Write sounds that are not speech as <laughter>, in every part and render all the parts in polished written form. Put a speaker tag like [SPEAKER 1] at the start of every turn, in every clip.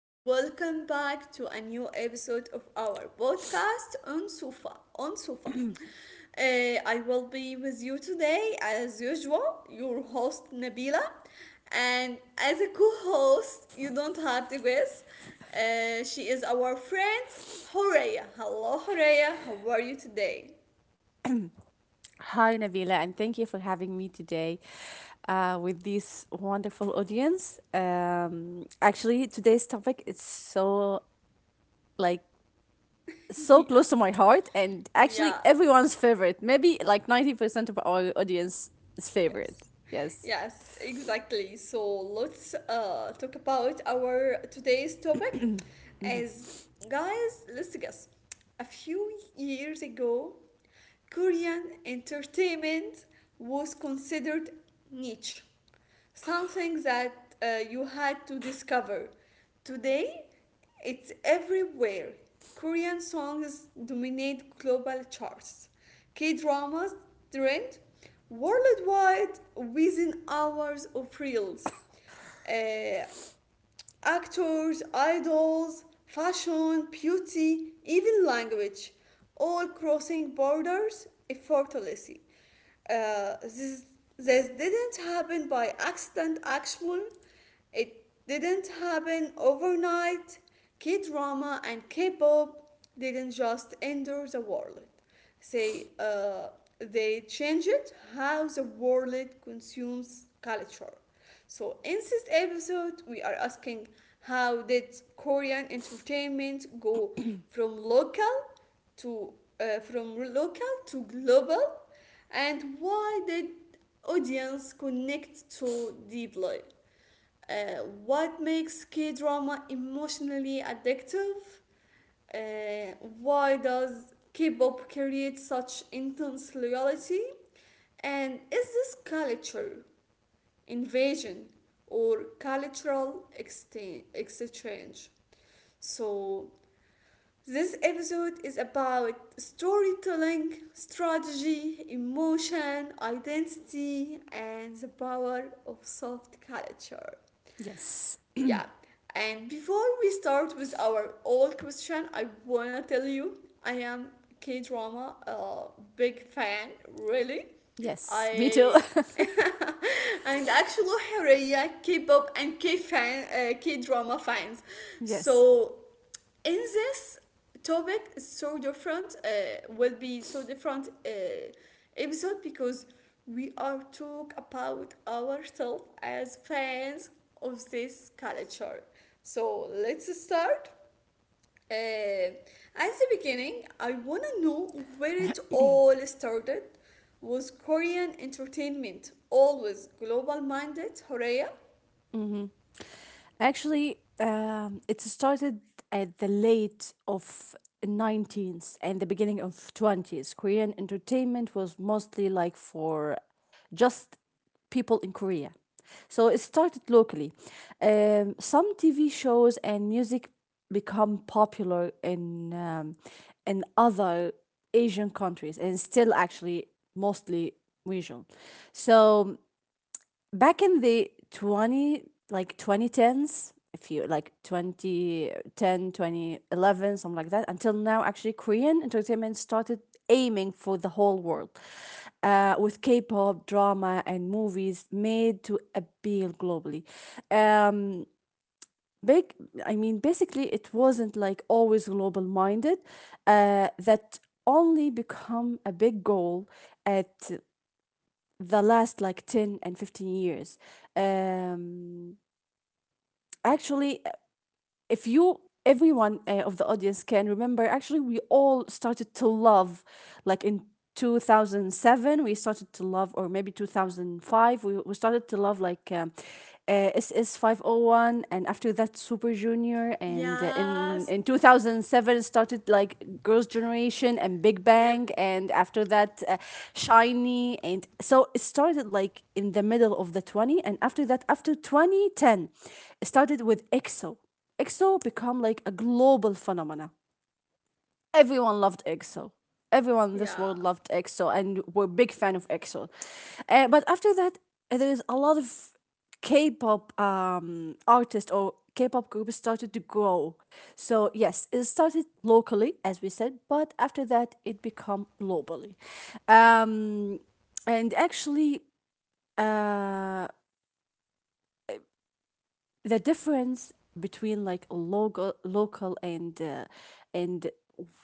[SPEAKER 1] and welcome back to a new episode of our podcast on sofa On sofa. I will be with you today, as usual, your host Nabila, and as a co-host, you don't have to guess. She is our friend Horea. Hello, Horea. How are you today?
[SPEAKER 2] Hi, Nabila, and thank you for having me today with this wonderful audience. Actually, today's topic is so, like,
[SPEAKER 1] <laughs>
[SPEAKER 2] so
[SPEAKER 1] yeah,
[SPEAKER 2] close to my heart, and actually
[SPEAKER 1] yeah.
[SPEAKER 2] everyone's favorite. Maybe like 90% of our audience is favorite.
[SPEAKER 1] Yes,
[SPEAKER 2] Yes,
[SPEAKER 1] yes, exactly. So let's talk about our today's topic. As guys, let's guess. A few years ago, Korean entertainment was considered niche, something that you had to discover. Today, it's everywhere. Korean songs dominate global charts. K dramas trend worldwide within hours of reels. Uh, actors, idols, fashion, beauty, even language, all crossing borders effortlessly. Uh, this, this didn't happen by accident, actually. It didn't happen overnight. K drama and K pop didn't just enter the world, they, uh, they changed how the world consumes culture. So, in this episode, we are asking, how did Korean entertainment go from local to from local to global, and why did audience connect so deeply? What makes K drama emotionally addictive? Uh, why does K-pop create such intense loyalty? And is this culture invasion or cultural exchange. So, this episode is about storytelling, strategy, emotion, identity, and the power of soft culture.
[SPEAKER 2] yes,
[SPEAKER 1] Yeah. And before we start with our old question, I wanna tell you, I am K drama, big fan, really.
[SPEAKER 2] yes. Me too.
[SPEAKER 1] I <laughs> and actually Hurriya K-pop and K drama fans.
[SPEAKER 2] <laughs> yes.
[SPEAKER 1] So in this topic is so different, will be so different, episode, because we are talk about ourselves as fans of this culture. So let's start, uh, at the beginning I want to know where it all started. Was Korean entertainment always global minded, Horea?
[SPEAKER 2] Actually, it started at the late of 19th and the beginning of 20s. Korean entertainment was mostly like for just people in Korea. So it started locally. Some TV shows and music become popular in in other Asian countries, and still actually mostly region. So back in the 20, like 2010s, if you like 2010, 2011, something like that, until now actually Korean entertainment started aiming for the whole world with K-pop, drama, and movies made to appeal globally. Um, big I mean, basically it wasn't like always global minded, that only become a big goal at the last like 10 and 15 years. um Actually, if you everyone, of the audience, can remember, actually we all started to love, like, in 2007 we started to love, or maybe 2005 we, started to love like SS501, and after that Super Junior, and in
[SPEAKER 1] Yes.
[SPEAKER 2] 2007 started like Girls' Generation and Big
[SPEAKER 1] Yep.
[SPEAKER 2] Bang, and after that Shiny. And so it started like in the middle of the 20, and after that, after 2010, it started with EXO become like a global phenomena. Everyone loved EXO. Everyone in this world
[SPEAKER 1] Yeah.
[SPEAKER 2] loved EXO and were big fan of EXO. But after that, there is a lot of K-pop artists, or K-pop groups started to grow. So yes, it started locally, as we said, but after that, it become globally. Um, and actually, uh, the difference between like local and and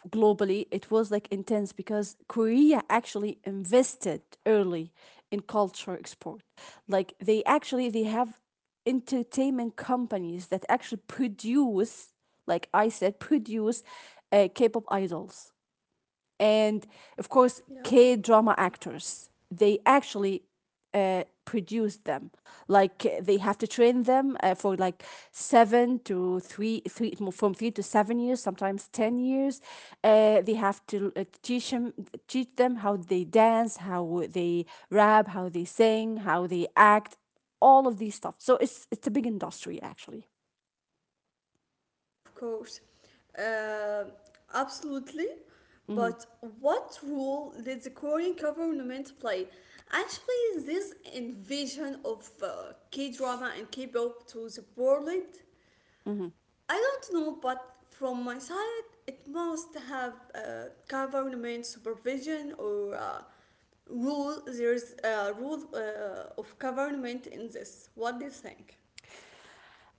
[SPEAKER 2] globally, it was like intense, because Korea actually invested early in culture export. Like, they actually, they have entertainment companies that actually produce, like I said, produce K-pop idols, and of course
[SPEAKER 1] Yeah.
[SPEAKER 2] K drama actors. They actually produce them. Like, they have to train them for like seven to three, three from 3 to 7 years, sometimes 10 years. They have to, teach them how they dance, how they rap, how they sing, how they act, all of these stuff. So it's a big industry actually.
[SPEAKER 1] Of course. Uh, absolutely.
[SPEAKER 2] Mm-hmm.
[SPEAKER 1] But what role did the Korean government play? Actually, this invasion of K drama and K pop to the world,
[SPEAKER 2] Mm-hmm.
[SPEAKER 1] I don't know, but from my side, it must have government supervision or rule. There's a rule of government in this. What do you think?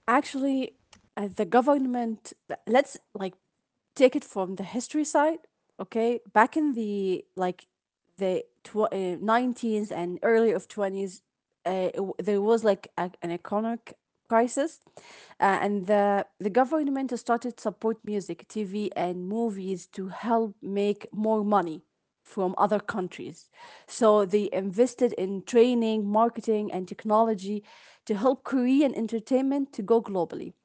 [SPEAKER 2] Actually, the government, let's like take it from the history side. Okay, back in the, like, the 19s and early of 20s, there was like an economic crisis, and the government started support music, TV, and movies to help make more money from other countries. So they invested in training, marketing, and technology to help Korean entertainment to go globally.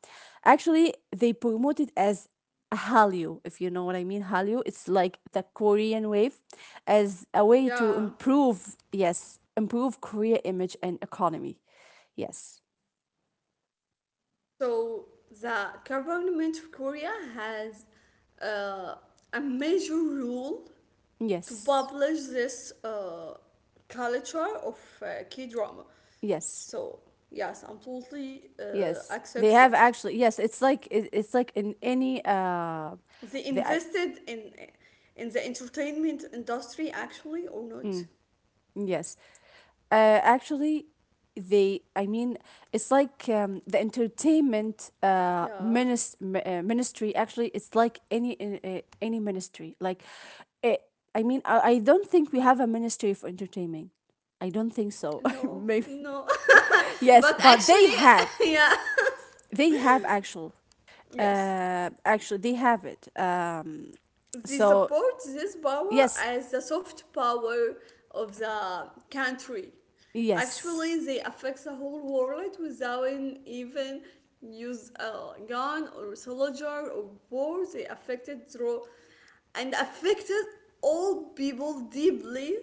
[SPEAKER 2] Actually, they promote it as Hallyu, if you know what I mean. Hallyu, it's like the Korean wave, as a way to
[SPEAKER 1] Yeah.
[SPEAKER 2] improve, yes, improve Korea image and economy. Yes,
[SPEAKER 1] So the government of Korea has, uh, a major rule to
[SPEAKER 2] yes,
[SPEAKER 1] publish this culture of K drama.
[SPEAKER 2] yes,
[SPEAKER 1] So yes, I'm totally
[SPEAKER 2] yes. They
[SPEAKER 1] accepts
[SPEAKER 2] have,
[SPEAKER 1] that.
[SPEAKER 2] actually. Yes, it's like it's like in any,
[SPEAKER 1] They
[SPEAKER 2] the I,
[SPEAKER 1] invested in the entertainment industry actually, or not?
[SPEAKER 2] mm, yes. Actually, they, I mean, it's like, the entertainment,
[SPEAKER 1] Yeah.
[SPEAKER 2] ministry, actually, it's like any any ministry. Like, it, I mean, I don't think we have a ministry for entertainment. I don't think so. <laughs>
[SPEAKER 1] No,
[SPEAKER 2] Maybe.
[SPEAKER 1] no. <laughs>
[SPEAKER 2] Yes,
[SPEAKER 1] but
[SPEAKER 2] but they
[SPEAKER 1] actually,
[SPEAKER 2] have.
[SPEAKER 1] <laughs> yeah.
[SPEAKER 2] They have, actual.
[SPEAKER 1] Yes.
[SPEAKER 2] Actually, they have it.
[SPEAKER 1] They
[SPEAKER 2] So,
[SPEAKER 1] support this power
[SPEAKER 2] yes,
[SPEAKER 1] as the soft power of the country.
[SPEAKER 2] yes,
[SPEAKER 1] Actually, they affect the whole world without even use a gun or soldier or war. They affected through and affected all people deeply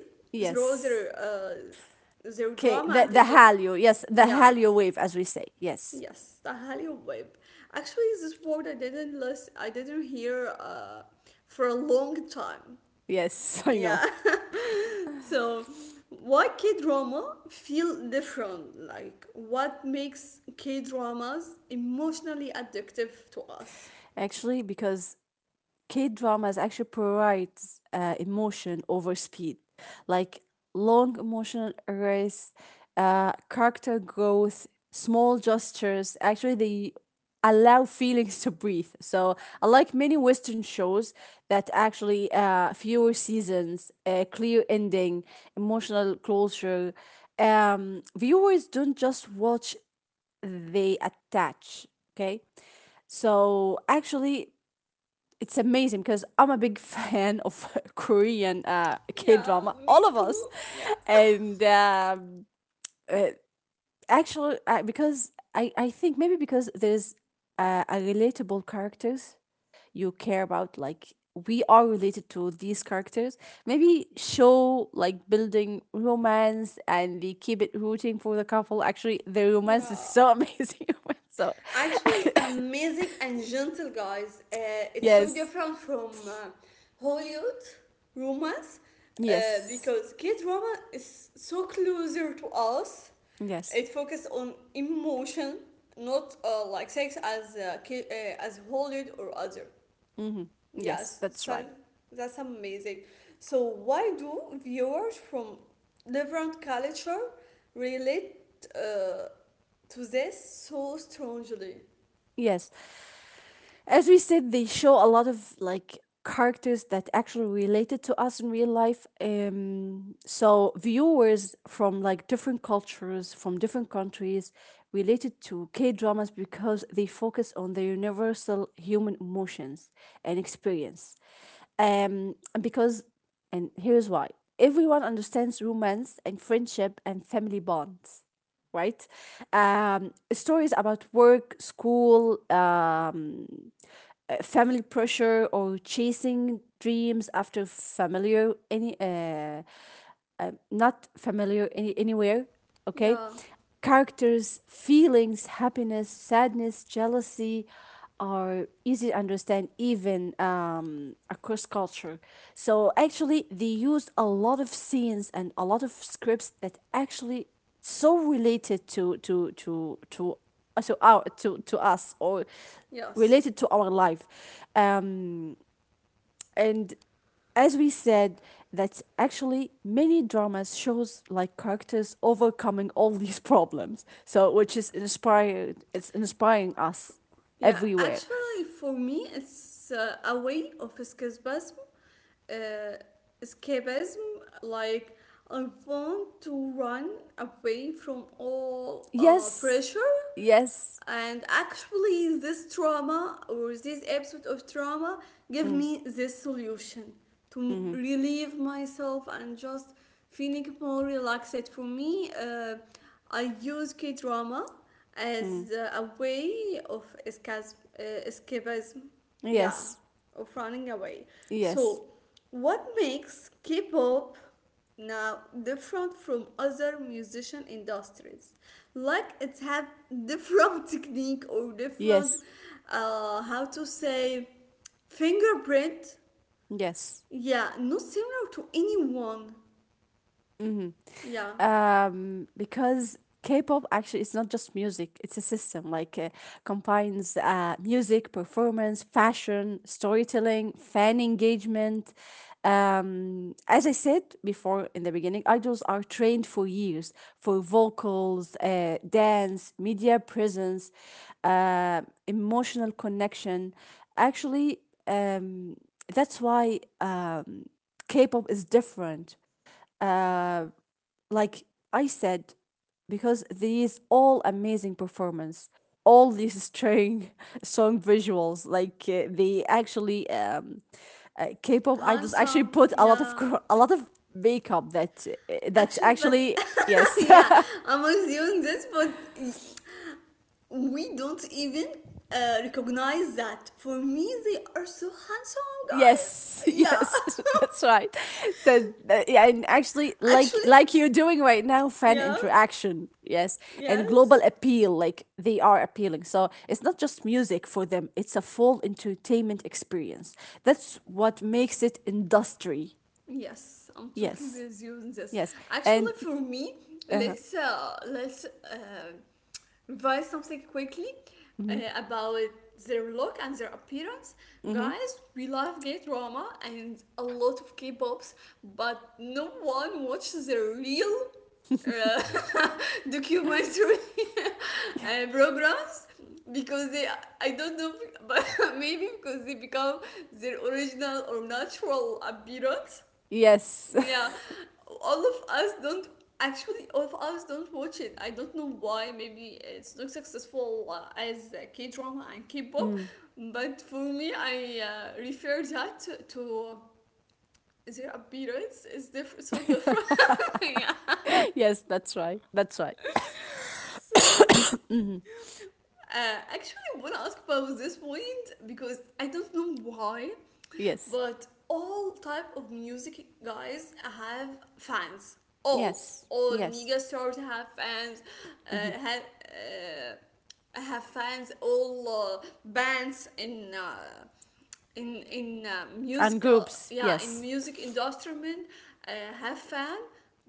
[SPEAKER 1] through their
[SPEAKER 2] yes.
[SPEAKER 1] uh, their
[SPEAKER 2] Okay,
[SPEAKER 1] drama
[SPEAKER 2] the,
[SPEAKER 1] and
[SPEAKER 2] the
[SPEAKER 1] enter.
[SPEAKER 2] Hallyu. Yes, the
[SPEAKER 1] Yeah,
[SPEAKER 2] Hallyu wave, as we say. Yes.
[SPEAKER 1] yes, the Halio Wave. Actually, this word I didn't hear for a long time.
[SPEAKER 2] Yes, <laughs> I know.
[SPEAKER 1] Yeah. <laughs> So, why K drama feel different? Like, what makes K dramas emotionally addictive to us?
[SPEAKER 2] Actually, because K dramas actually prioritize emotion over speed, like long emotional arrays, character growth, small gestures. Actually, they allow feelings to breathe. So, unlike many Western shows that actually fewer seasons, a clear ending, emotional closure, viewers don't just watch, they attach. Okay. So actually, it's amazing because I'm a big fan of <laughs> Korean, K
[SPEAKER 1] Yeah,
[SPEAKER 2] drama, all
[SPEAKER 1] me
[SPEAKER 2] of us.
[SPEAKER 1] too. Yeah.
[SPEAKER 2] And uh, actually, because I think maybe because there's a relatable characters you care about, like, we are related to these characters, maybe show like building romance, and they keep it rooting for the couple. Actually, the romance is
[SPEAKER 1] Yeah.
[SPEAKER 2] so amazing, <laughs> so.
[SPEAKER 1] Actually
[SPEAKER 2] <laughs>
[SPEAKER 1] amazing and gentle guys, it's so
[SPEAKER 2] yes,
[SPEAKER 1] different from Hollywood romance, uh,
[SPEAKER 2] yes,
[SPEAKER 1] because kid drama is so closer to us.
[SPEAKER 2] yes.
[SPEAKER 1] It focuses on emotion, not like sex as Hollywood or other.
[SPEAKER 2] Mm-hmm. Yes,
[SPEAKER 1] Yes,
[SPEAKER 2] that's
[SPEAKER 1] so
[SPEAKER 2] right.
[SPEAKER 1] that's amazing. So why do viewers from different culture relate, uh, to this so strongly?
[SPEAKER 2] Yes. As we said, they show a lot of like characters that actually related to us in real life. So viewers from like different cultures, from different countries, related to K dramas, because they focus on the universal human emotions and experience. And because, and here's why, everyone understands romance and friendship and family bonds, right? Stories about work, school, family pressure, or chasing dreams after familiar, any, not familiar, any, anywhere, okay?
[SPEAKER 1] Yeah.
[SPEAKER 2] Characters, feelings, happiness, sadness, jealousy are easy to understand, even across culture. So actually, they used a lot of scenes and a lot of scripts that actually so related to our to us, or
[SPEAKER 1] Yes.
[SPEAKER 2] related to our life. um and, as we said, that's actually many dramas shows like characters overcoming all <laughs> these problems. So, which is inspired it's inspiring
[SPEAKER 1] F-
[SPEAKER 2] us
[SPEAKER 1] Yeah.
[SPEAKER 2] everywhere.
[SPEAKER 1] Actually, for me, it's a way of escapism. Uh, escapism, like, I want to run away from all
[SPEAKER 2] Yes.
[SPEAKER 1] pressure,
[SPEAKER 2] Yes.
[SPEAKER 1] and actually this trauma or this episode of trauma gave
[SPEAKER 2] Mm.
[SPEAKER 1] me this solution to
[SPEAKER 2] Mhm.
[SPEAKER 1] relieve myself and just feeling more relaxed. For me, I use K drama
[SPEAKER 2] Mm.
[SPEAKER 1] as a way of escapism. Yeah,
[SPEAKER 2] Yes.
[SPEAKER 1] of running away.
[SPEAKER 2] Yes.
[SPEAKER 1] So what makes K-pop now different from other musician industries? Like, it have <laughs> different technique or different,
[SPEAKER 2] Yes.
[SPEAKER 1] how to say, fingerprint?
[SPEAKER 2] Yes.
[SPEAKER 1] Yeah, not similar to anyone.
[SPEAKER 2] Hmm.
[SPEAKER 1] Yeah.
[SPEAKER 2] Because K-pop actually is not just music; it's a system, like, combines music, performance, fashion, storytelling, fan engagement. As I said before in the beginning, idols are trained for years for vocals, dance, media presence, uh, emotional connection. Actually, um, that's why, K-pop is different, uh, like I said, because these all amazing performance, all these strong <laughs> song visuals, like, they actually, K-pop idols actually
[SPEAKER 1] Handsome,
[SPEAKER 2] put a lot of <laughs>
[SPEAKER 1] yeah,
[SPEAKER 2] a lot of makeup that
[SPEAKER 1] actually, but
[SPEAKER 2] actually,
[SPEAKER 1] <laughs>
[SPEAKER 2] yes.
[SPEAKER 1] yeah,
[SPEAKER 2] <laughs>
[SPEAKER 1] I'm assuming this, but we don't even recognize that. For me, they are so handsome, guys.
[SPEAKER 2] Yes, <laughs>
[SPEAKER 1] Yeah.
[SPEAKER 2] yes, <laughs> that's right. So, yeah, and actually,
[SPEAKER 1] <laughs> Actually,
[SPEAKER 2] like you're doing right now, fan
[SPEAKER 1] yeah.
[SPEAKER 2] interaction, yes, and global
[SPEAKER 1] Yes.
[SPEAKER 2] appeal, like they are appealing. So it's not just music for them; it's a full entertainment experience. That's what makes it industry.
[SPEAKER 1] Yes, I'm totally
[SPEAKER 2] Yes,
[SPEAKER 1] with you on this.
[SPEAKER 2] yes,
[SPEAKER 1] Actually,
[SPEAKER 2] and
[SPEAKER 1] for me,
[SPEAKER 2] uh,
[SPEAKER 1] let's revise something quickly, uh,
[SPEAKER 2] mm-hmm,
[SPEAKER 1] about their look and their appearance.
[SPEAKER 2] mm-hmm,
[SPEAKER 1] Guys, we love gay drama and a lot of K-pops, but no one watches the real uh, <laughs> documentary <laughs> programs, because they, I don't know, but <laughs> maybe because they become their original or natural appearance.
[SPEAKER 2] yes.
[SPEAKER 1] Yeah,
[SPEAKER 2] <laughs>
[SPEAKER 1] all of us don't, actually. All of us don't watch it. I don't know why. Maybe it's not successful as K drama and K pop,
[SPEAKER 2] Mm.
[SPEAKER 1] but for me, I refer that to their appearance is different, so different. <laughs> Yeah.
[SPEAKER 2] <laughs> yes, that's right. That's right.
[SPEAKER 1] So Actually, I want to ask about this point because I don't know why,
[SPEAKER 2] Yes,
[SPEAKER 1] but all type of music guys have fans. All
[SPEAKER 2] yes,
[SPEAKER 1] all
[SPEAKER 2] yes.
[SPEAKER 1] mega stars have fans.
[SPEAKER 2] Hmm.
[SPEAKER 1] Uh, have, uh, I have fans. All bands in,
[SPEAKER 2] And
[SPEAKER 1] musical,
[SPEAKER 2] groups,
[SPEAKER 1] yeah, in
[SPEAKER 2] yes.
[SPEAKER 1] music instrument, uh, have fan,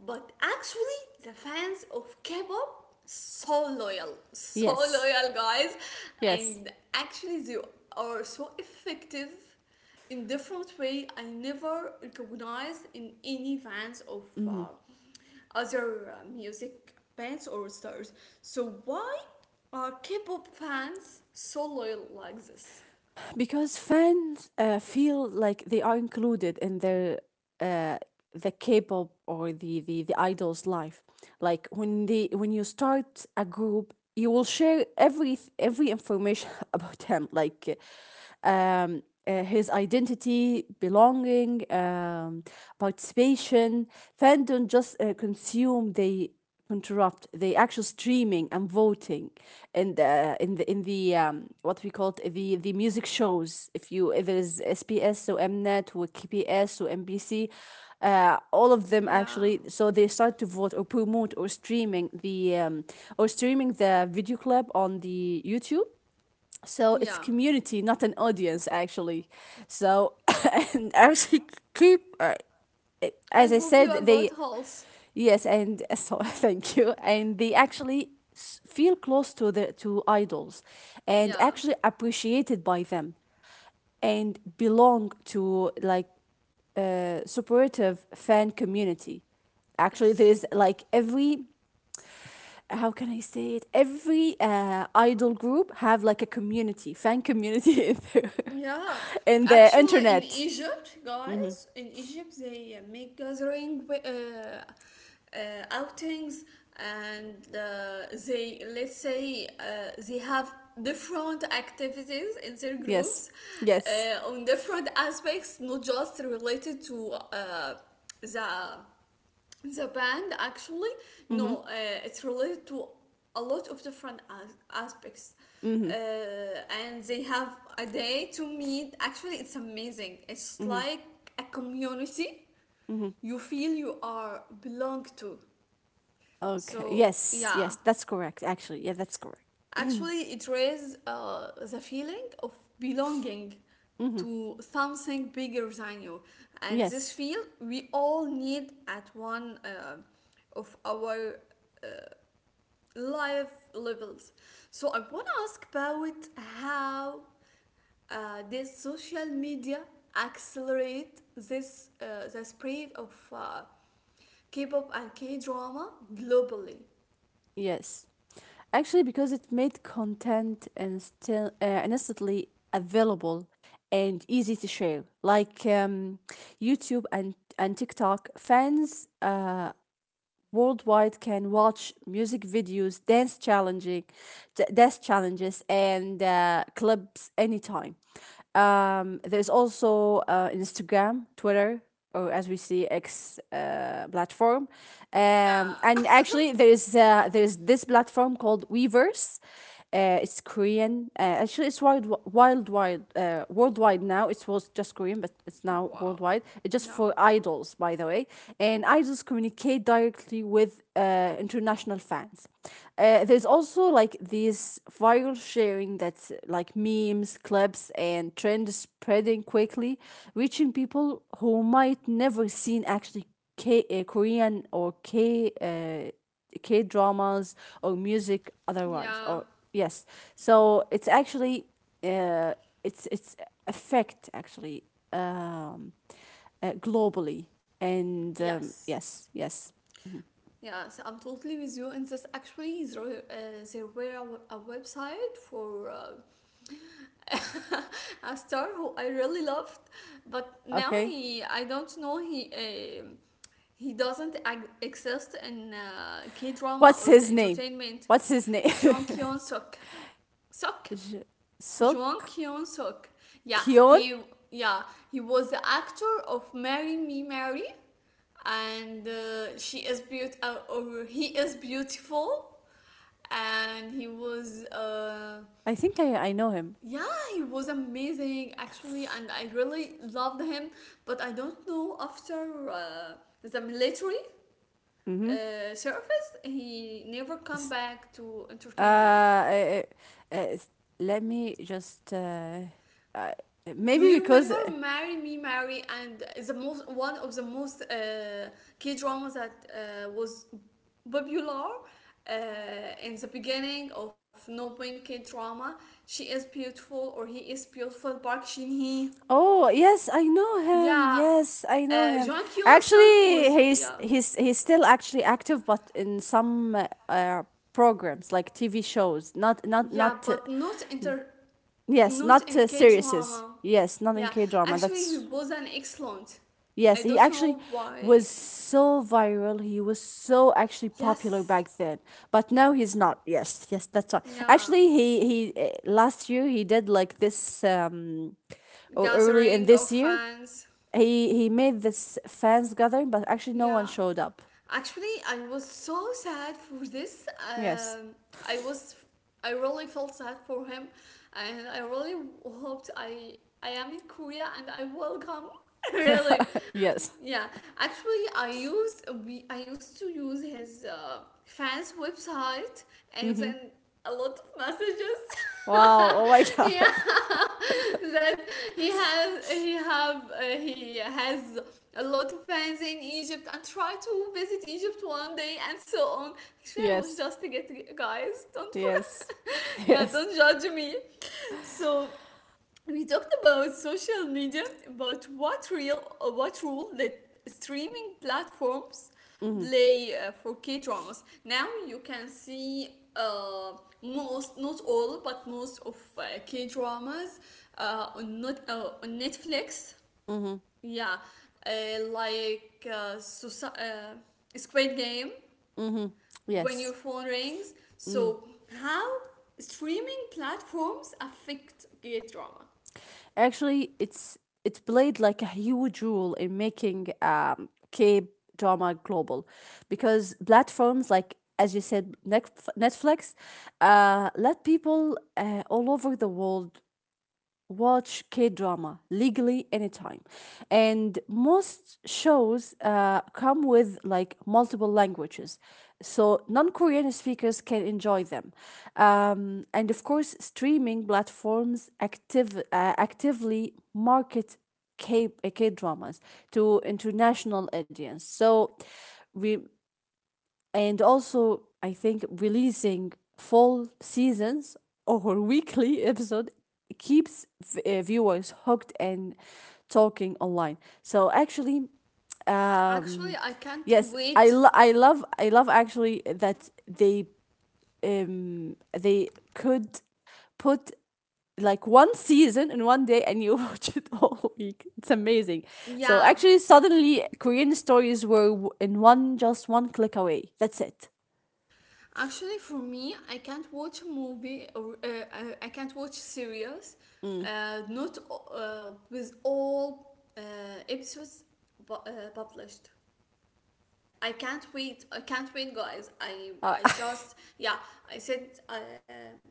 [SPEAKER 1] but actually the fans of K-pop so loyal, so
[SPEAKER 2] Yes.
[SPEAKER 1] loyal, guys,
[SPEAKER 2] Yes.
[SPEAKER 1] and actually they are so effective in different way I never recognized in any fans of
[SPEAKER 2] Hmm.
[SPEAKER 1] other music bands or stars. So why are K-pop fans so loyal like this?
[SPEAKER 2] Because fans feel like they are included in their, uh, the K-pop, or the idol's life. Like, when you start a group, you will share every information <laughs> about them. Like, um, his identity, belonging, participation. Fans don't just consume, they interrupt. They actually streaming and voting, in the, what we call it, the music shows. If it is SBS or Mnet or KPS or MBC, all of them
[SPEAKER 1] Yeah.
[SPEAKER 2] actually. So they start to vote or promote or streaming the video clip on the YouTube. So it's
[SPEAKER 1] Yeah.
[SPEAKER 2] community, not an audience, actually. So, <laughs> and actually, keep,
[SPEAKER 1] I
[SPEAKER 2] as I
[SPEAKER 1] hope
[SPEAKER 2] said,
[SPEAKER 1] you are
[SPEAKER 2] they.
[SPEAKER 1] good, Holes.
[SPEAKER 2] Yes. And <laughs> so,
[SPEAKER 1] Fair.
[SPEAKER 2] thank you. And they actually feel close to, the to idols, and
[SPEAKER 1] Yeah.
[SPEAKER 2] actually appreciated by them, and belong to like a supportive fan community. Actually, there's
[SPEAKER 1] Yes.
[SPEAKER 2] like every, how can I say it? Every idol group have like a community, fan community, <laughs> in
[SPEAKER 1] Yeah,
[SPEAKER 2] the
[SPEAKER 1] actually, in
[SPEAKER 2] internet.
[SPEAKER 1] Egypt, guys, in Egypt, they make gathering outings, and they, let's say, they have different activities in their
[SPEAKER 2] Yes.
[SPEAKER 1] groups,
[SPEAKER 2] Yes.
[SPEAKER 1] on different aspects, not just related to the the band, actually.
[SPEAKER 2] Mhm.
[SPEAKER 1] No, it's related to a lot of different aspects,
[SPEAKER 2] Mhm.
[SPEAKER 1] uh, and they have a day to meet. Actually, it's amazing. It's
[SPEAKER 2] Mhm.
[SPEAKER 1] like a community
[SPEAKER 2] Mhm.
[SPEAKER 1] you feel you are belong to.
[SPEAKER 2] Okay.
[SPEAKER 1] So
[SPEAKER 2] Yes. Yes,
[SPEAKER 1] yeah,
[SPEAKER 2] that's correct, actually. Yeah, that's correct.
[SPEAKER 1] actually it raises the feeling of belonging
[SPEAKER 2] Mhm.
[SPEAKER 1] to something bigger than you, and this
[SPEAKER 2] Yes.
[SPEAKER 1] feel we all need at one of our life levels. So I want to ask about how, this social media accelerate this, the spread of K-pop and K-drama globally.
[SPEAKER 2] Yes. Actually, because it made content and still instantly available and easy to share. Like, YouTube and TikTok fans worldwide can watch music videos, dance challenges, and clips anytime. There's also, Instagram, Twitter, or, as we see, X, platform,
[SPEAKER 1] Yeah.
[SPEAKER 2] and
[SPEAKER 1] <laughs>
[SPEAKER 2] actually, there's, there's this platform called Weverse. It's Korean. Actually, it's worldwide now. It was just Korean, but it's now
[SPEAKER 1] Wow.
[SPEAKER 2] worldwide. It's just for
[SPEAKER 1] Yeah.
[SPEAKER 2] idols, by the way. And idols communicate directly with international fans. There's also like this viral sharing, that's like memes, clips, and trends spreading quickly, reaching people who might never seen actually K Korean, or K dramas or music otherwise, or.
[SPEAKER 1] Yeah.
[SPEAKER 2] Yes. So it's actually, uh, it's affect, actually, um, globally, and,
[SPEAKER 1] Yes.
[SPEAKER 2] yes, yes.
[SPEAKER 1] Yes, I'm totally with you. And this actually is, there were a website for, <laughs> a star who I really loved, but now
[SPEAKER 2] Okay.
[SPEAKER 1] he, I don't know, he doesn't exist in K drama
[SPEAKER 2] What's
[SPEAKER 1] or
[SPEAKER 2] his
[SPEAKER 1] the
[SPEAKER 2] name?
[SPEAKER 1] entertainment.
[SPEAKER 2] What's his name?
[SPEAKER 1] Jong Kyun Suk,
[SPEAKER 2] <laughs>
[SPEAKER 1] Suk,
[SPEAKER 2] J-
[SPEAKER 1] Jong
[SPEAKER 2] Suk,
[SPEAKER 1] Kyun Suk. Yeah,
[SPEAKER 2] Kyon.
[SPEAKER 1] he yeah he was the actor of Marry Me Mary, and she is beautiful, or he is beautiful, and he was
[SPEAKER 2] I think I know him.
[SPEAKER 1] yeah, he was amazing, actually, and I really loved him. But I don't know, after the military
[SPEAKER 2] Mm-hmm.
[SPEAKER 1] service, he never come
[SPEAKER 2] S-
[SPEAKER 1] back to
[SPEAKER 2] Uh,
[SPEAKER 1] entertainment.
[SPEAKER 2] uh, uh, uh, s- Let me just, uh,
[SPEAKER 1] Do
[SPEAKER 2] maybe
[SPEAKER 1] you
[SPEAKER 2] because.
[SPEAKER 1] remember "Marry Me, Mary"? And the most, one of the most K dramas that was popular in the beginning of, no, K drama? She is beautiful, or he is beautiful. Park Shin Hee.
[SPEAKER 2] Oh, yes, I know him.
[SPEAKER 1] Yeah,
[SPEAKER 2] Yes, I know him.
[SPEAKER 1] Jung Hyun Suk
[SPEAKER 2] Actually,
[SPEAKER 1] was,
[SPEAKER 2] he's
[SPEAKER 1] yeah,
[SPEAKER 2] he's he's still actually active, but in some, programs like TV shows, not not
[SPEAKER 1] yeah,
[SPEAKER 2] not
[SPEAKER 1] but not inter,
[SPEAKER 2] yes,
[SPEAKER 1] not
[SPEAKER 2] not
[SPEAKER 1] in
[SPEAKER 2] uh,
[SPEAKER 1] K
[SPEAKER 2] series.
[SPEAKER 1] drama.
[SPEAKER 2] Yes, not in
[SPEAKER 1] Yeah,
[SPEAKER 2] K drama.
[SPEAKER 1] actually he
[SPEAKER 2] That's,
[SPEAKER 1] was an excellent.
[SPEAKER 2] yes.
[SPEAKER 1] I
[SPEAKER 2] He
[SPEAKER 1] don't
[SPEAKER 2] actually
[SPEAKER 1] know
[SPEAKER 2] was
[SPEAKER 1] why.
[SPEAKER 2] so viral. He was so actually popular
[SPEAKER 1] Yes.
[SPEAKER 2] back then, but now he's not. Yes, yes, that's right.
[SPEAKER 1] Yeah,
[SPEAKER 2] Actually, he last year he did like this, or early in
[SPEAKER 1] gathering
[SPEAKER 2] this
[SPEAKER 1] of
[SPEAKER 2] year
[SPEAKER 1] fans.
[SPEAKER 2] he made this fans gathering, but actually no one
[SPEAKER 1] Yeah.
[SPEAKER 2] showed up.
[SPEAKER 1] Actually, I was so sad for this.
[SPEAKER 2] Yes.
[SPEAKER 1] I was, I really felt sad for him, and I really hoped I am in Korea and I will come. <laughs> Really,
[SPEAKER 2] Yes.
[SPEAKER 1] yeah. Actually, I used to use his fans website, and
[SPEAKER 2] Mm-hmm.
[SPEAKER 1] then a lot of messages. <laughs>
[SPEAKER 2] Wow. Oh my
[SPEAKER 1] Yeah,
[SPEAKER 2] God. <laughs>
[SPEAKER 1] <laughs> that he has, he has a lot of fans in Egypt, and try to visit Egypt one day and so on. Actually, I was
[SPEAKER 2] Yes.
[SPEAKER 1] just to get, guys. Don't,
[SPEAKER 2] Yes.
[SPEAKER 1] <laughs>
[SPEAKER 2] <laughs>
[SPEAKER 1] yeah,
[SPEAKER 2] Yes.
[SPEAKER 1] don't judge me. So we talked about social media. About what real, what role that streaming platforms
[SPEAKER 2] Mm-hmm.
[SPEAKER 1] play for K dramas. Now you can see, uh, most, not all, but most of K dramas, on not on Netflix,
[SPEAKER 2] Mm-hmm.
[SPEAKER 1] yeah, like Squid Game,
[SPEAKER 2] Mm-hmm.
[SPEAKER 1] when your
[SPEAKER 2] Yes.
[SPEAKER 1] phone rings.
[SPEAKER 2] Mm.
[SPEAKER 1] So, how streaming platforms affect gay drama?
[SPEAKER 2] Actually, it played like a huge role in making K drama global, because platforms like, as you said, Netflix, let people all over the world watch K drama legally anytime. And most shows come with like multiple languages, so non Korean speakers can enjoy them. And of course, streaming platforms actively market K dramas to international audience. So we and also I think releasing full seasons or <laughs> weekly episode keeps viewers hooked and talking online. So actually,
[SPEAKER 1] Actually,
[SPEAKER 2] um,
[SPEAKER 1] I can't
[SPEAKER 2] yes,
[SPEAKER 1] wait.
[SPEAKER 2] I love actually that they could put like one season in one day, and you <laughs> watch it all <laughs> week. It's amazing. So
[SPEAKER 1] Yeah,
[SPEAKER 2] actually, suddenly Korean stories were in one click away. That's it.
[SPEAKER 1] actually, for me, I can't watch a movie or, I can't watch series, not with all episodes published. I can't wait. I can't wait, guys. I
[SPEAKER 2] Uh, <laughs>
[SPEAKER 1] I just, yeah. I sit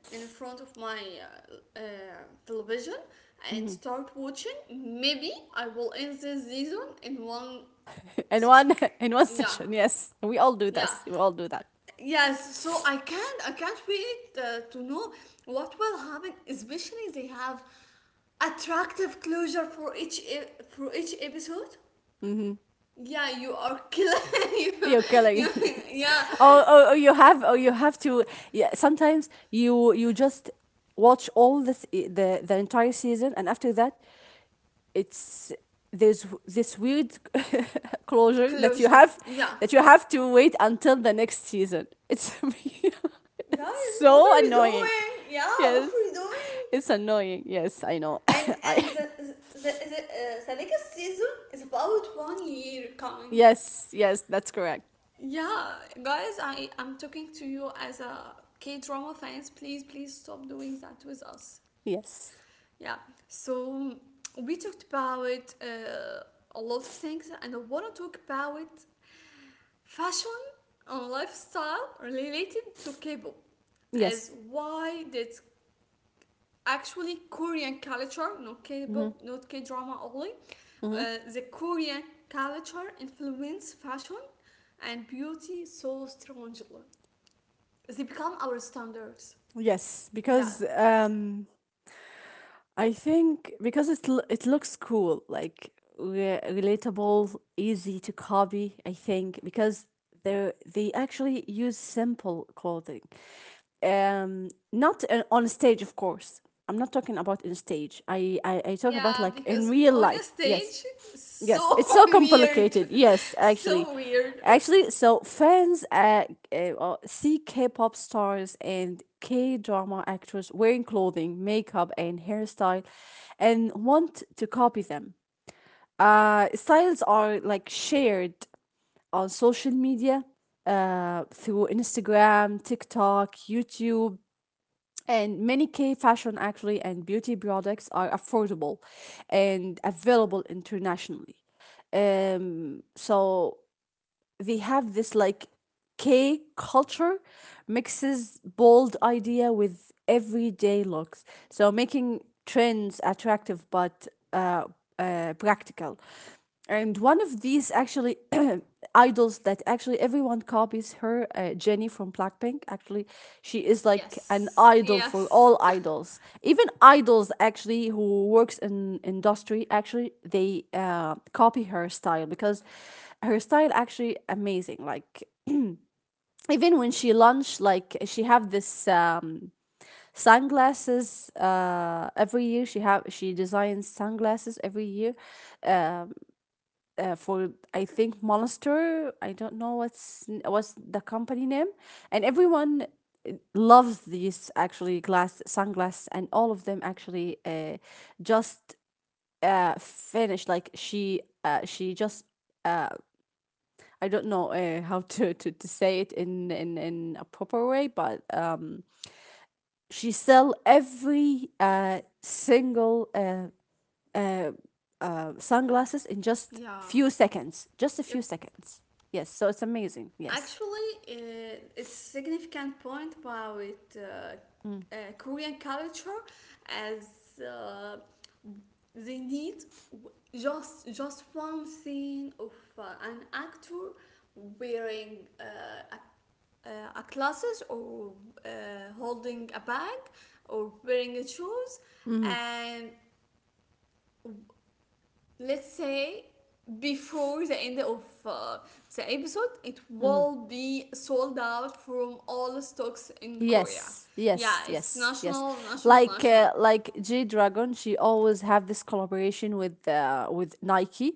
[SPEAKER 1] in front of my television, and
[SPEAKER 2] Mhm.
[SPEAKER 1] start watching. Maybe I will end this season in one
[SPEAKER 2] In
[SPEAKER 1] session.
[SPEAKER 2] one <laughs> in one
[SPEAKER 1] Yeah,
[SPEAKER 2] session, yes, we all do
[SPEAKER 1] yeah,
[SPEAKER 2] this. We all do that.
[SPEAKER 1] yes. So I can't. I can't wait to know what will happen. Especially they have attractive closure for for each episode. Yeah, you are killing, <laughs> you,
[SPEAKER 2] You're killing
[SPEAKER 1] you
[SPEAKER 2] me. <laughs>
[SPEAKER 1] yeah.
[SPEAKER 2] Oh, oh, oh, <laughs> you have to. Yeah, sometimes you just watch all this I- the entire season, and after that, it's there's this weird <laughs> closure
[SPEAKER 1] Closure. Yeah.
[SPEAKER 2] that you have to wait until the next season. It's, <laughs> it's
[SPEAKER 1] Guys, what
[SPEAKER 2] so
[SPEAKER 1] are you
[SPEAKER 2] annoying.
[SPEAKER 1] doing? Yeah, what
[SPEAKER 2] Yes.
[SPEAKER 1] are you doing?
[SPEAKER 2] It's annoying. Yes, I know.
[SPEAKER 1] and
[SPEAKER 2] <laughs> I
[SPEAKER 1] and the next season is about one year coming.
[SPEAKER 2] Yes, yes, that's correct.
[SPEAKER 1] Yeah, guys, I am talking to you as a K drama fans. Please, please stop doing that with us.
[SPEAKER 2] Yes,
[SPEAKER 1] Yeah. So we talked about a lot of things, and I want to talk about fashion and lifestyle related to K-pop. As
[SPEAKER 2] yes.
[SPEAKER 1] why did actually Korean culture, not
[SPEAKER 2] Hmm,
[SPEAKER 1] K-pop, not K-drama only.
[SPEAKER 2] hmm.
[SPEAKER 1] The Korean culture influence fashion and beauty so strongly. They become our standards.
[SPEAKER 2] Yes. Because
[SPEAKER 1] Yeah.
[SPEAKER 2] I think because it looks cool, like relatable, easy to copy. I think because they actually use simple clothing, not on stage, of course. I'm not talking about in stage. I talk about
[SPEAKER 1] Yeah,
[SPEAKER 2] like in
[SPEAKER 1] because
[SPEAKER 2] real
[SPEAKER 1] on a
[SPEAKER 2] life. Yes.
[SPEAKER 1] stage,
[SPEAKER 2] Yes, it's
[SPEAKER 1] so <laughs>
[SPEAKER 2] so
[SPEAKER 1] weird,
[SPEAKER 2] complicated. Yes,
[SPEAKER 1] <laughs>
[SPEAKER 2] actually.
[SPEAKER 1] so weird.
[SPEAKER 2] Actually, so fans see K pop stars and K drama actors wearing clothing, makeup, and hairstyle, and want to copy them. Styles are like shared on social media, through Instagram, TikTok, YouTube, and many K fashion, actually, and beauty products are affordable and available internationally. So they have this like K culture mixes bold idea with everyday looks, so making trends attractive but uh, practical. And one of these, actually, <clears throat> idols that actually everyone copies her. Jenny from Blackpink, actually, she is like an
[SPEAKER 1] Yes.
[SPEAKER 2] idol for
[SPEAKER 1] Yes.
[SPEAKER 2] all idols. Even idols, actually, who works in industry, actually they copy her style because her style actually amazing. Like even when she launched, like she have this. Sunglasses, every year she have, she designs sunglasses every year, for I think Monster. I don't know what's the company name, and everyone loves these, actually, glass sunglasses, and all of them, actually, just finished. Like she just, uh, I don't know how to say it in a proper way, but she sell every single uh, sunglasses in just
[SPEAKER 1] Yeah.
[SPEAKER 2] few seconds. Just a few
[SPEAKER 1] Yep.
[SPEAKER 2] seconds. Yes, so it's amazing. Yes.
[SPEAKER 1] Actually, it's significant point about
[SPEAKER 2] Mm,
[SPEAKER 1] Korean culture as they need just one scene of uh, an actor wearing a, a glasses or uh, holding a bag or wearing a shoes and let's say before the end of the episode it
[SPEAKER 2] mhm.
[SPEAKER 1] will be sold out from all stocks in Korea.
[SPEAKER 2] Yes,
[SPEAKER 1] Yeah,
[SPEAKER 2] yes,
[SPEAKER 1] it's
[SPEAKER 2] yes, yes.
[SPEAKER 1] national, national,
[SPEAKER 2] Like
[SPEAKER 1] national.
[SPEAKER 2] G Dragon, she always have this collaboration with Nike,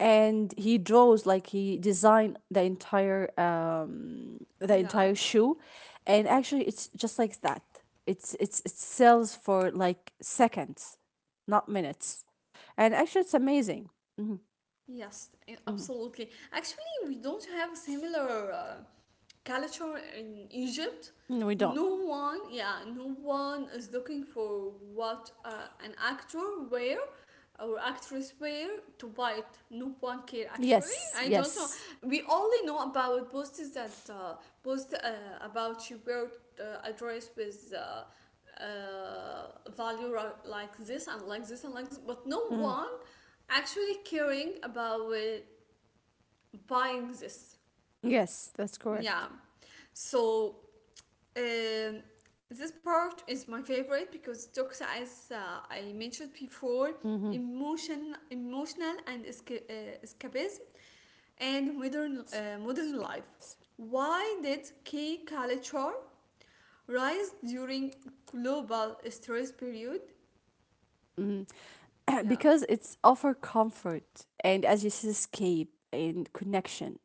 [SPEAKER 2] and he draws like he designed the
[SPEAKER 1] Yeah.
[SPEAKER 2] entire shoe, and actually it's just like that. It sells for like seconds, not minutes, and actually it's amazing.
[SPEAKER 1] Yes,
[SPEAKER 2] Mhm.
[SPEAKER 1] absolutely. Actually, we don't have similar culture in Egypt.
[SPEAKER 2] No, we don't.
[SPEAKER 1] No one, yeah, no one is looking for what an actor wear or actress wear to buy it. No one care actually.
[SPEAKER 2] Yes,
[SPEAKER 1] I don't know.
[SPEAKER 2] yes.
[SPEAKER 1] We only know about posts that post about you wear a dress with. Uh, value like this and like this and like this, but no
[SPEAKER 2] Mm.
[SPEAKER 1] one actually caring about buying this.
[SPEAKER 2] Yes, that's
[SPEAKER 1] Yeah.
[SPEAKER 2] correct.
[SPEAKER 1] So um, this part is my favorite because Doxa, as I mentioned before,
[SPEAKER 2] Mm-hmm.
[SPEAKER 1] emotion, emotional and escapism, and modern, modern
[SPEAKER 2] Skip
[SPEAKER 1] life.
[SPEAKER 2] this.
[SPEAKER 1] Why did K culture rise during global stress period?
[SPEAKER 2] Mhm. <clears throat>
[SPEAKER 1] Yeah.
[SPEAKER 2] Because it's offer comfort and, as you said, escape and connection,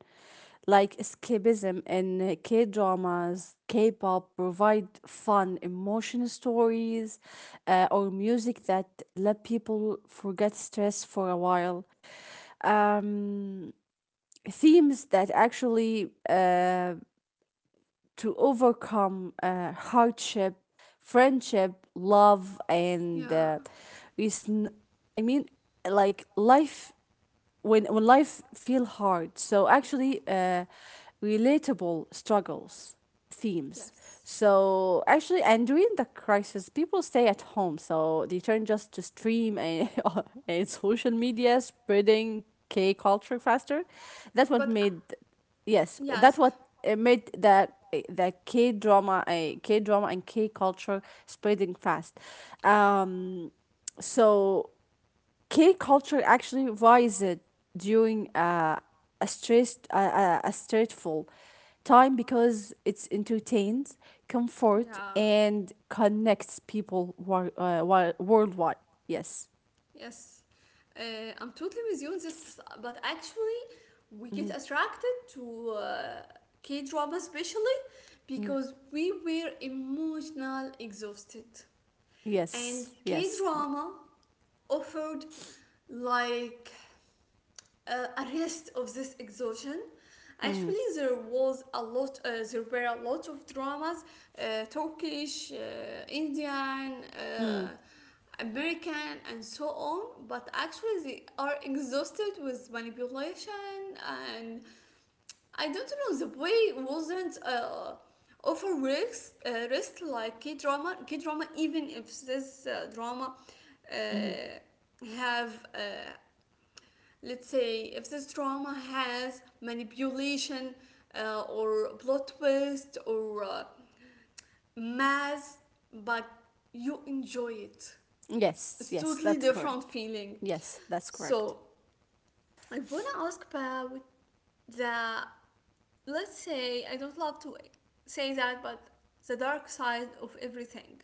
[SPEAKER 2] like escapism, and K dramas, K pop provide fun, emotional stories, or music that let people forget stress for a while. Um, Themes that actually, to overcome hardship, friendship, love, and
[SPEAKER 1] Yeah.
[SPEAKER 2] reason. I mean, like life, when life feel hard, so actually relatable struggles themes,
[SPEAKER 1] Yes.
[SPEAKER 2] so actually, and during the crisis people stay at home, so they turn just to stream and, <laughs> and social media spreading k culture faster. That's what
[SPEAKER 1] But
[SPEAKER 2] made, yes, that's
[SPEAKER 1] yes.
[SPEAKER 2] what made the k drama, a k drama and k culture spreading fast, um so K culture actually rises during a stressful time because it's entertains, comfort,
[SPEAKER 1] Yeah.
[SPEAKER 2] and connects people worldwide. Yes.
[SPEAKER 1] Yes, uh, I'm totally with you on this, but actually, we
[SPEAKER 2] Mhm,
[SPEAKER 1] get attracted to K drama especially
[SPEAKER 2] mhm.
[SPEAKER 1] because we were emotional exhausted, and
[SPEAKER 2] Yes.
[SPEAKER 1] K
[SPEAKER 2] Yes.
[SPEAKER 1] drama offered like arrest of this exhaustion.
[SPEAKER 2] Mhm,
[SPEAKER 1] Actually, there was a lot. There were a lot of dramas: Turkish, Indian,
[SPEAKER 2] mm,
[SPEAKER 1] American, and so on. But actually, they are exhausted with manipulation, and I don't know. The way wasn't. Offer risks, risk like K drama. K drama, even if this drama uh,
[SPEAKER 2] mhm.
[SPEAKER 1] have let's say if this drama has manipulation or plot twist or mass but you enjoy it,
[SPEAKER 2] Yes.
[SPEAKER 1] it's
[SPEAKER 2] Yes.
[SPEAKER 1] totally
[SPEAKER 2] That's
[SPEAKER 1] different
[SPEAKER 2] correct.
[SPEAKER 1] feeling.
[SPEAKER 2] Yes. That's correct.
[SPEAKER 1] So I want to ask about the, let's say I don't love to say that, but the dark side of everything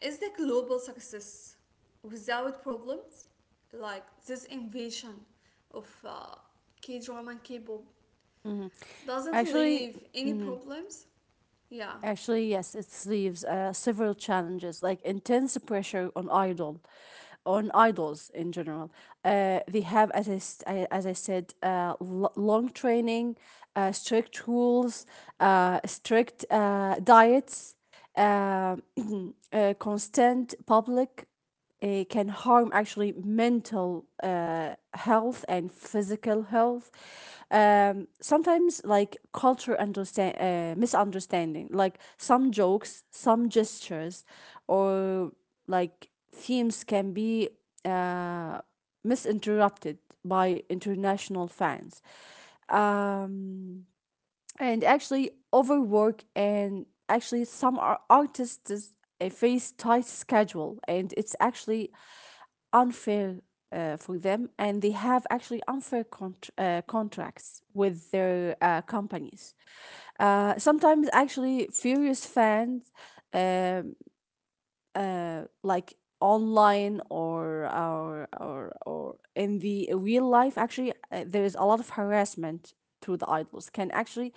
[SPEAKER 1] is the global success without problems, like this invasion of K-drama and K-pop.
[SPEAKER 2] Mhm.
[SPEAKER 1] Doesn't
[SPEAKER 2] Actually.
[SPEAKER 1] leave any
[SPEAKER 2] Mhm.
[SPEAKER 1] problems? Yeah.
[SPEAKER 2] Actually, yes, it leaves several challenges like intense pressure on idols in general. They have, as I said, long training, strict rules, strict diets, uh, <clears throat> constant public. It can harm actually mental health and physical health. Sometimes like culture understand misunderstanding, like some jokes, some gestures, or like themes can be uh, misinterpreted by international fans. Um, and actually overwork, and actually some artists face tight schedule, and it's actually unfair for them, and they have actually unfair contracts with their companies. Sometimes, actually, furious fans, um, like online or in the real life, actually, there is a lot of harassment to the idols, can actually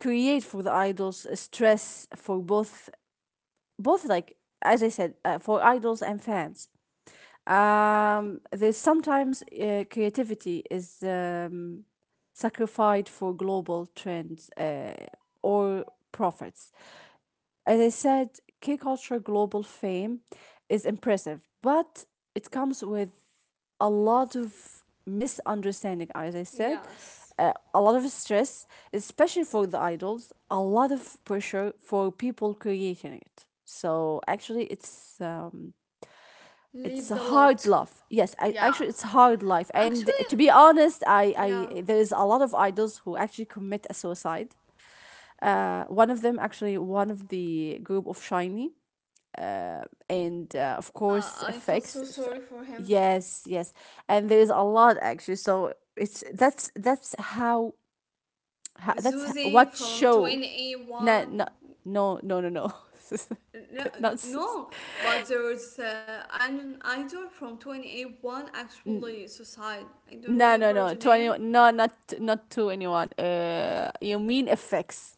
[SPEAKER 2] create for the idols a stress for both, like, as I said, for idols and fans. There's sometimes creativity is sacrificed for global trends, or profits. As I said, K culture global fame is impressive, but it comes with a lot of misunderstanding, as I said,
[SPEAKER 1] Yes.
[SPEAKER 2] a lot of stress, especially for the idols, a lot of pressure for people creating it. So actually, it's
[SPEAKER 1] Leaves
[SPEAKER 2] a
[SPEAKER 1] a
[SPEAKER 2] hard
[SPEAKER 1] lot.
[SPEAKER 2] love. Yes,
[SPEAKER 1] Yeah.
[SPEAKER 2] actually it's hard life, and
[SPEAKER 1] Actually,
[SPEAKER 2] to be honest,
[SPEAKER 1] yeah.
[SPEAKER 2] I there is a lot of idols who actually commit a suicide.
[SPEAKER 1] Yes.
[SPEAKER 2] One of them actually, one of the group of Shiny, and of course
[SPEAKER 1] I felt
[SPEAKER 2] effects.
[SPEAKER 1] so sorry for him.
[SPEAKER 2] Yes, yes. And there is a lot, actually, so it's that's how,
[SPEAKER 1] Zuzi
[SPEAKER 2] what
[SPEAKER 1] from
[SPEAKER 2] show.
[SPEAKER 1] 20
[SPEAKER 2] No,
[SPEAKER 1] one.
[SPEAKER 2] no, no, no, no, no. <laughs> not s-
[SPEAKER 1] No, but there's an idol from 20 one actually suicide. I don't
[SPEAKER 2] No,
[SPEAKER 1] remember
[SPEAKER 2] no,
[SPEAKER 1] the
[SPEAKER 2] no. To
[SPEAKER 1] name.
[SPEAKER 2] anyone, no, not to anyone. You mean FX?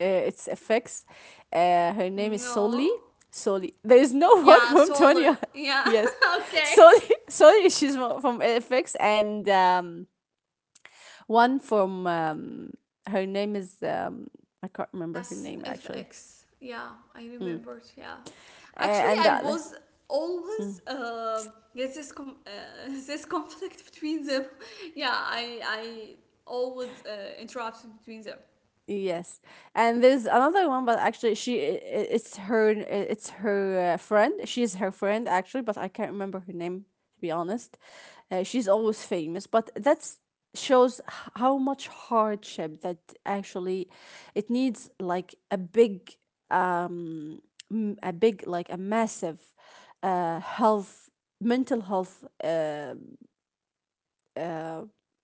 [SPEAKER 2] It's FX. Her name is
[SPEAKER 1] No.
[SPEAKER 2] Soli. Soli. There is no <laughs> one
[SPEAKER 1] Yeah,
[SPEAKER 2] from
[SPEAKER 1] Sol.
[SPEAKER 2] Twenty.
[SPEAKER 1] Yeah.
[SPEAKER 2] Yes,
[SPEAKER 1] <laughs> okay.
[SPEAKER 2] Soli. <laughs> Soli. She's from FX, and one from her name is I can't remember her
[SPEAKER 1] Yes,
[SPEAKER 2] name, actually.
[SPEAKER 1] FX. Yeah, I
[SPEAKER 2] Mm.
[SPEAKER 1] remembered. Yeah.
[SPEAKER 2] Uh,
[SPEAKER 1] Actually,
[SPEAKER 2] and the
[SPEAKER 1] I
[SPEAKER 2] other.
[SPEAKER 1] was always
[SPEAKER 2] Mm.
[SPEAKER 1] get this <laughs> this conflict between them. <laughs> Yeah, I always interrupt between them.
[SPEAKER 2] Yes, and there's another one, but actually, she I- it's her friend. She's her friend, actually, but I can't remember her name, to be honest. She's always famous, but that's shows how much hardship that actually it needs like a big, um a big, like, a massive health, mental health, uh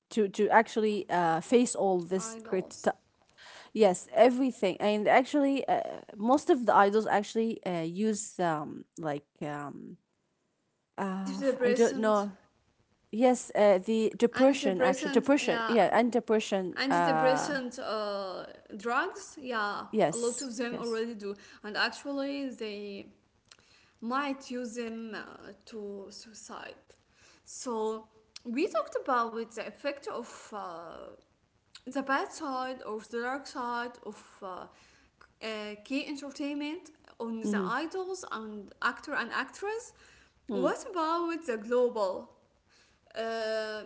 [SPEAKER 2] to actually face all this
[SPEAKER 1] I lost
[SPEAKER 2] Yes, everything. And, actually, most of the idols actually use like I don't know.
[SPEAKER 1] antidepressant,
[SPEAKER 2] Yes, the depression actually
[SPEAKER 1] antidepressant.
[SPEAKER 2] depression.
[SPEAKER 1] Yeah,
[SPEAKER 2] Yeah, and depression.
[SPEAKER 1] antidepressant drugs. Yeah, a lot of
[SPEAKER 2] Yes,
[SPEAKER 1] them
[SPEAKER 2] yes.
[SPEAKER 1] already do, and actually they might use them to suicide. So we talked about with the effect of the bad side or the dark side of key entertainment on the
[SPEAKER 2] Mm-hmm.
[SPEAKER 1] idols and actor and actress.
[SPEAKER 2] Mm-hmm.
[SPEAKER 1] What about the global? Uh,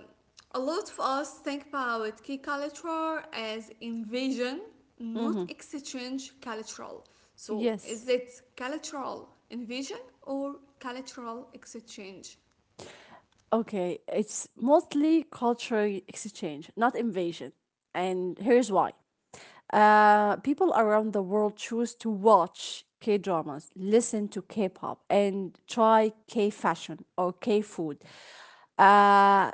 [SPEAKER 1] a lot of us think about key culture as invasion,
[SPEAKER 2] Mm-hmm.
[SPEAKER 1] not exchange cultural. So
[SPEAKER 2] Yes.
[SPEAKER 1] is it cultural invasion or cultural exchange?
[SPEAKER 2] Okay, it's mostly cultural exchange, not invasion. And here's why. People around the world choose to watch K dramas, listen to K pop, and try K fashion or K food. Uh,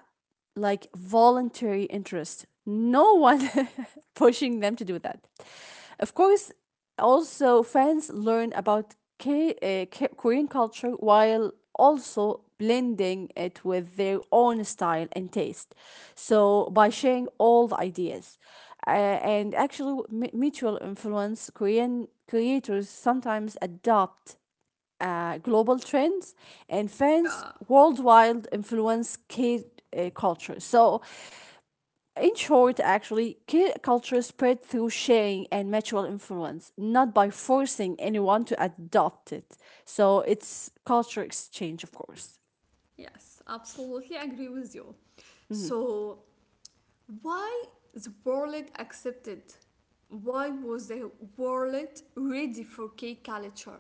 [SPEAKER 2] like voluntary interest. No one <laughs> pushing them to do that. Of course, also fans learn about Korean culture while also blending it with their own style and taste. So, by sharing all the ideas, and actually mutual influence, Korean creators sometimes adopt global trends and fans
[SPEAKER 1] Yeah.
[SPEAKER 2] worldwide influence kid culture. So, in short, actually, kid culture spread through sharing and mutual influence, not by forcing anyone to adopt it. So, it's culture exchange, of course.
[SPEAKER 1] Yes, absolutely agree with you.
[SPEAKER 2] Mhm.
[SPEAKER 1] So, why the world accepted? Why was the world ready for K. culture?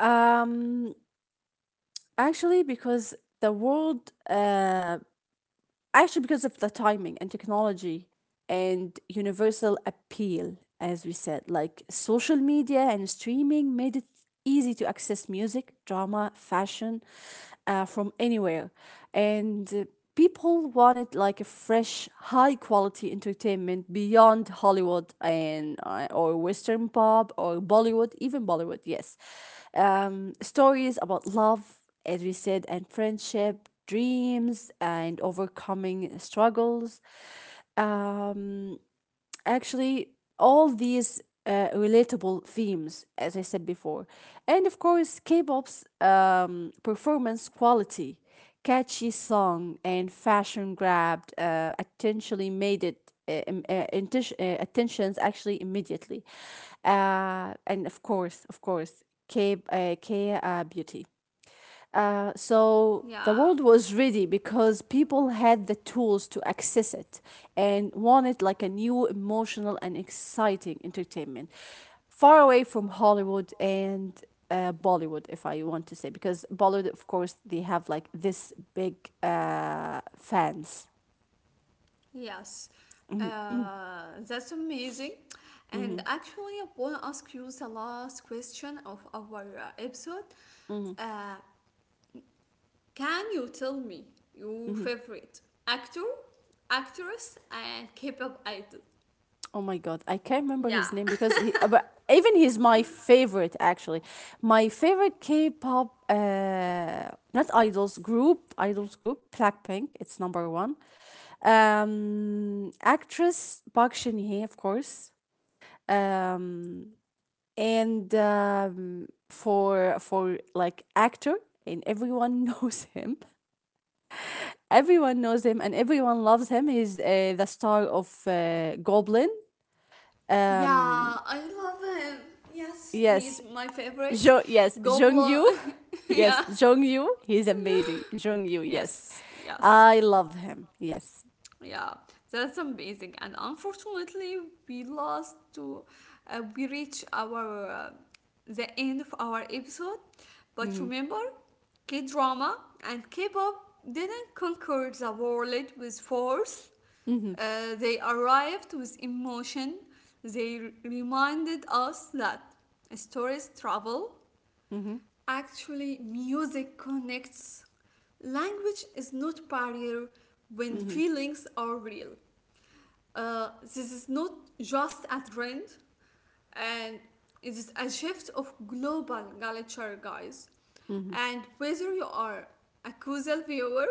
[SPEAKER 2] Um, Actually, because the world actually because of the timing and technology and universal appeal, as we said, like social media and streaming made it easy to access music, drama, fashion, from anywhere, and people wanted like a fresh, high quality entertainment beyond Hollywood and, or western pop, or Bollywood, even Bollywood, yes, stories about love, as we said, and friendship, dreams, and overcoming struggles. Um, Actually, all these relatable themes, as I said before. And of course, K pop's performance quality, catchy song, and fashion grabbed, intentionally made it. Attentions actually immediately, and of course k beauty, so the
[SPEAKER 1] Yeah,
[SPEAKER 2] world was ready because people had the tools to access it and wanted like a new emotional and exciting entertainment far away from Hollywood and, Bollywood, if I want to say, because Bollywood, of course, they have like this big fans.
[SPEAKER 1] yes, that's amazing. And
[SPEAKER 2] Mm-hmm,
[SPEAKER 1] actually, I want to ask you the last question of our episode.
[SPEAKER 2] mm-hmm,
[SPEAKER 1] Uh, can you tell me your
[SPEAKER 2] mm-hmm.
[SPEAKER 1] favorite actor, actress, and K-pop idol?
[SPEAKER 2] Oh my God, I can't remember
[SPEAKER 1] Yeah.
[SPEAKER 2] his name because but even he's my favorite, actually. My favorite K-pop, not idols group, idols group, Blackpink. It's number one. Actress Park Shin Hye, of course. Um, and for like actor, and everyone <laughs> knows him. Everyone knows him, and everyone loves him. He's the star of Goblin.
[SPEAKER 1] Yeah,
[SPEAKER 2] Um,
[SPEAKER 1] I love him. Yes,
[SPEAKER 2] yes,
[SPEAKER 1] he's my favorite.
[SPEAKER 2] Yes, Jung.
[SPEAKER 1] Goblin. <laughs>
[SPEAKER 2] Yes,
[SPEAKER 1] yeah.
[SPEAKER 2] Jung Yu. He's amazing. Jung, yes.
[SPEAKER 1] Yes. Yes.
[SPEAKER 2] I love him. Yes.
[SPEAKER 1] Yeah. That's amazing. And unfortunately, we lost to we reach our the end of our episode. But
[SPEAKER 2] Hmm,
[SPEAKER 1] remember, K-drama and K-pop didn't conquer the world with force.
[SPEAKER 2] hmm,
[SPEAKER 1] They arrived with emotion. They reminded us that stories travel.
[SPEAKER 2] hmm,
[SPEAKER 1] Actually, music connects. Language is not barrier when
[SPEAKER 2] hmm,
[SPEAKER 1] feelings are real. This is not just a trend, and it is a shift of global culture, guys.
[SPEAKER 2] hmm,
[SPEAKER 1] And whether you are a casual viewer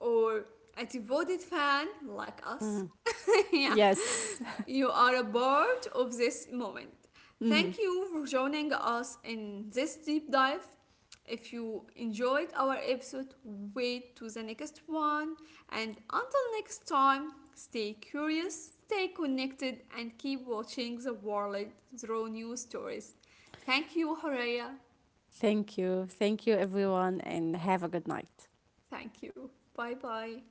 [SPEAKER 1] or a devoted fan like
[SPEAKER 2] hmm.
[SPEAKER 1] us, <laughs> yeah,
[SPEAKER 2] Yes. <laughs>
[SPEAKER 1] you are a part of this moment.
[SPEAKER 2] Hmm.
[SPEAKER 1] Thank you for joining us in this deep dive. If you enjoyed our episode, wait to the next one. And until next time, stay curious, stay connected, and keep watching the world through new stories. Thank you, Horea.
[SPEAKER 2] Thank you. Thank you, everyone, and have a good night.
[SPEAKER 1] Thank you. Bye bye.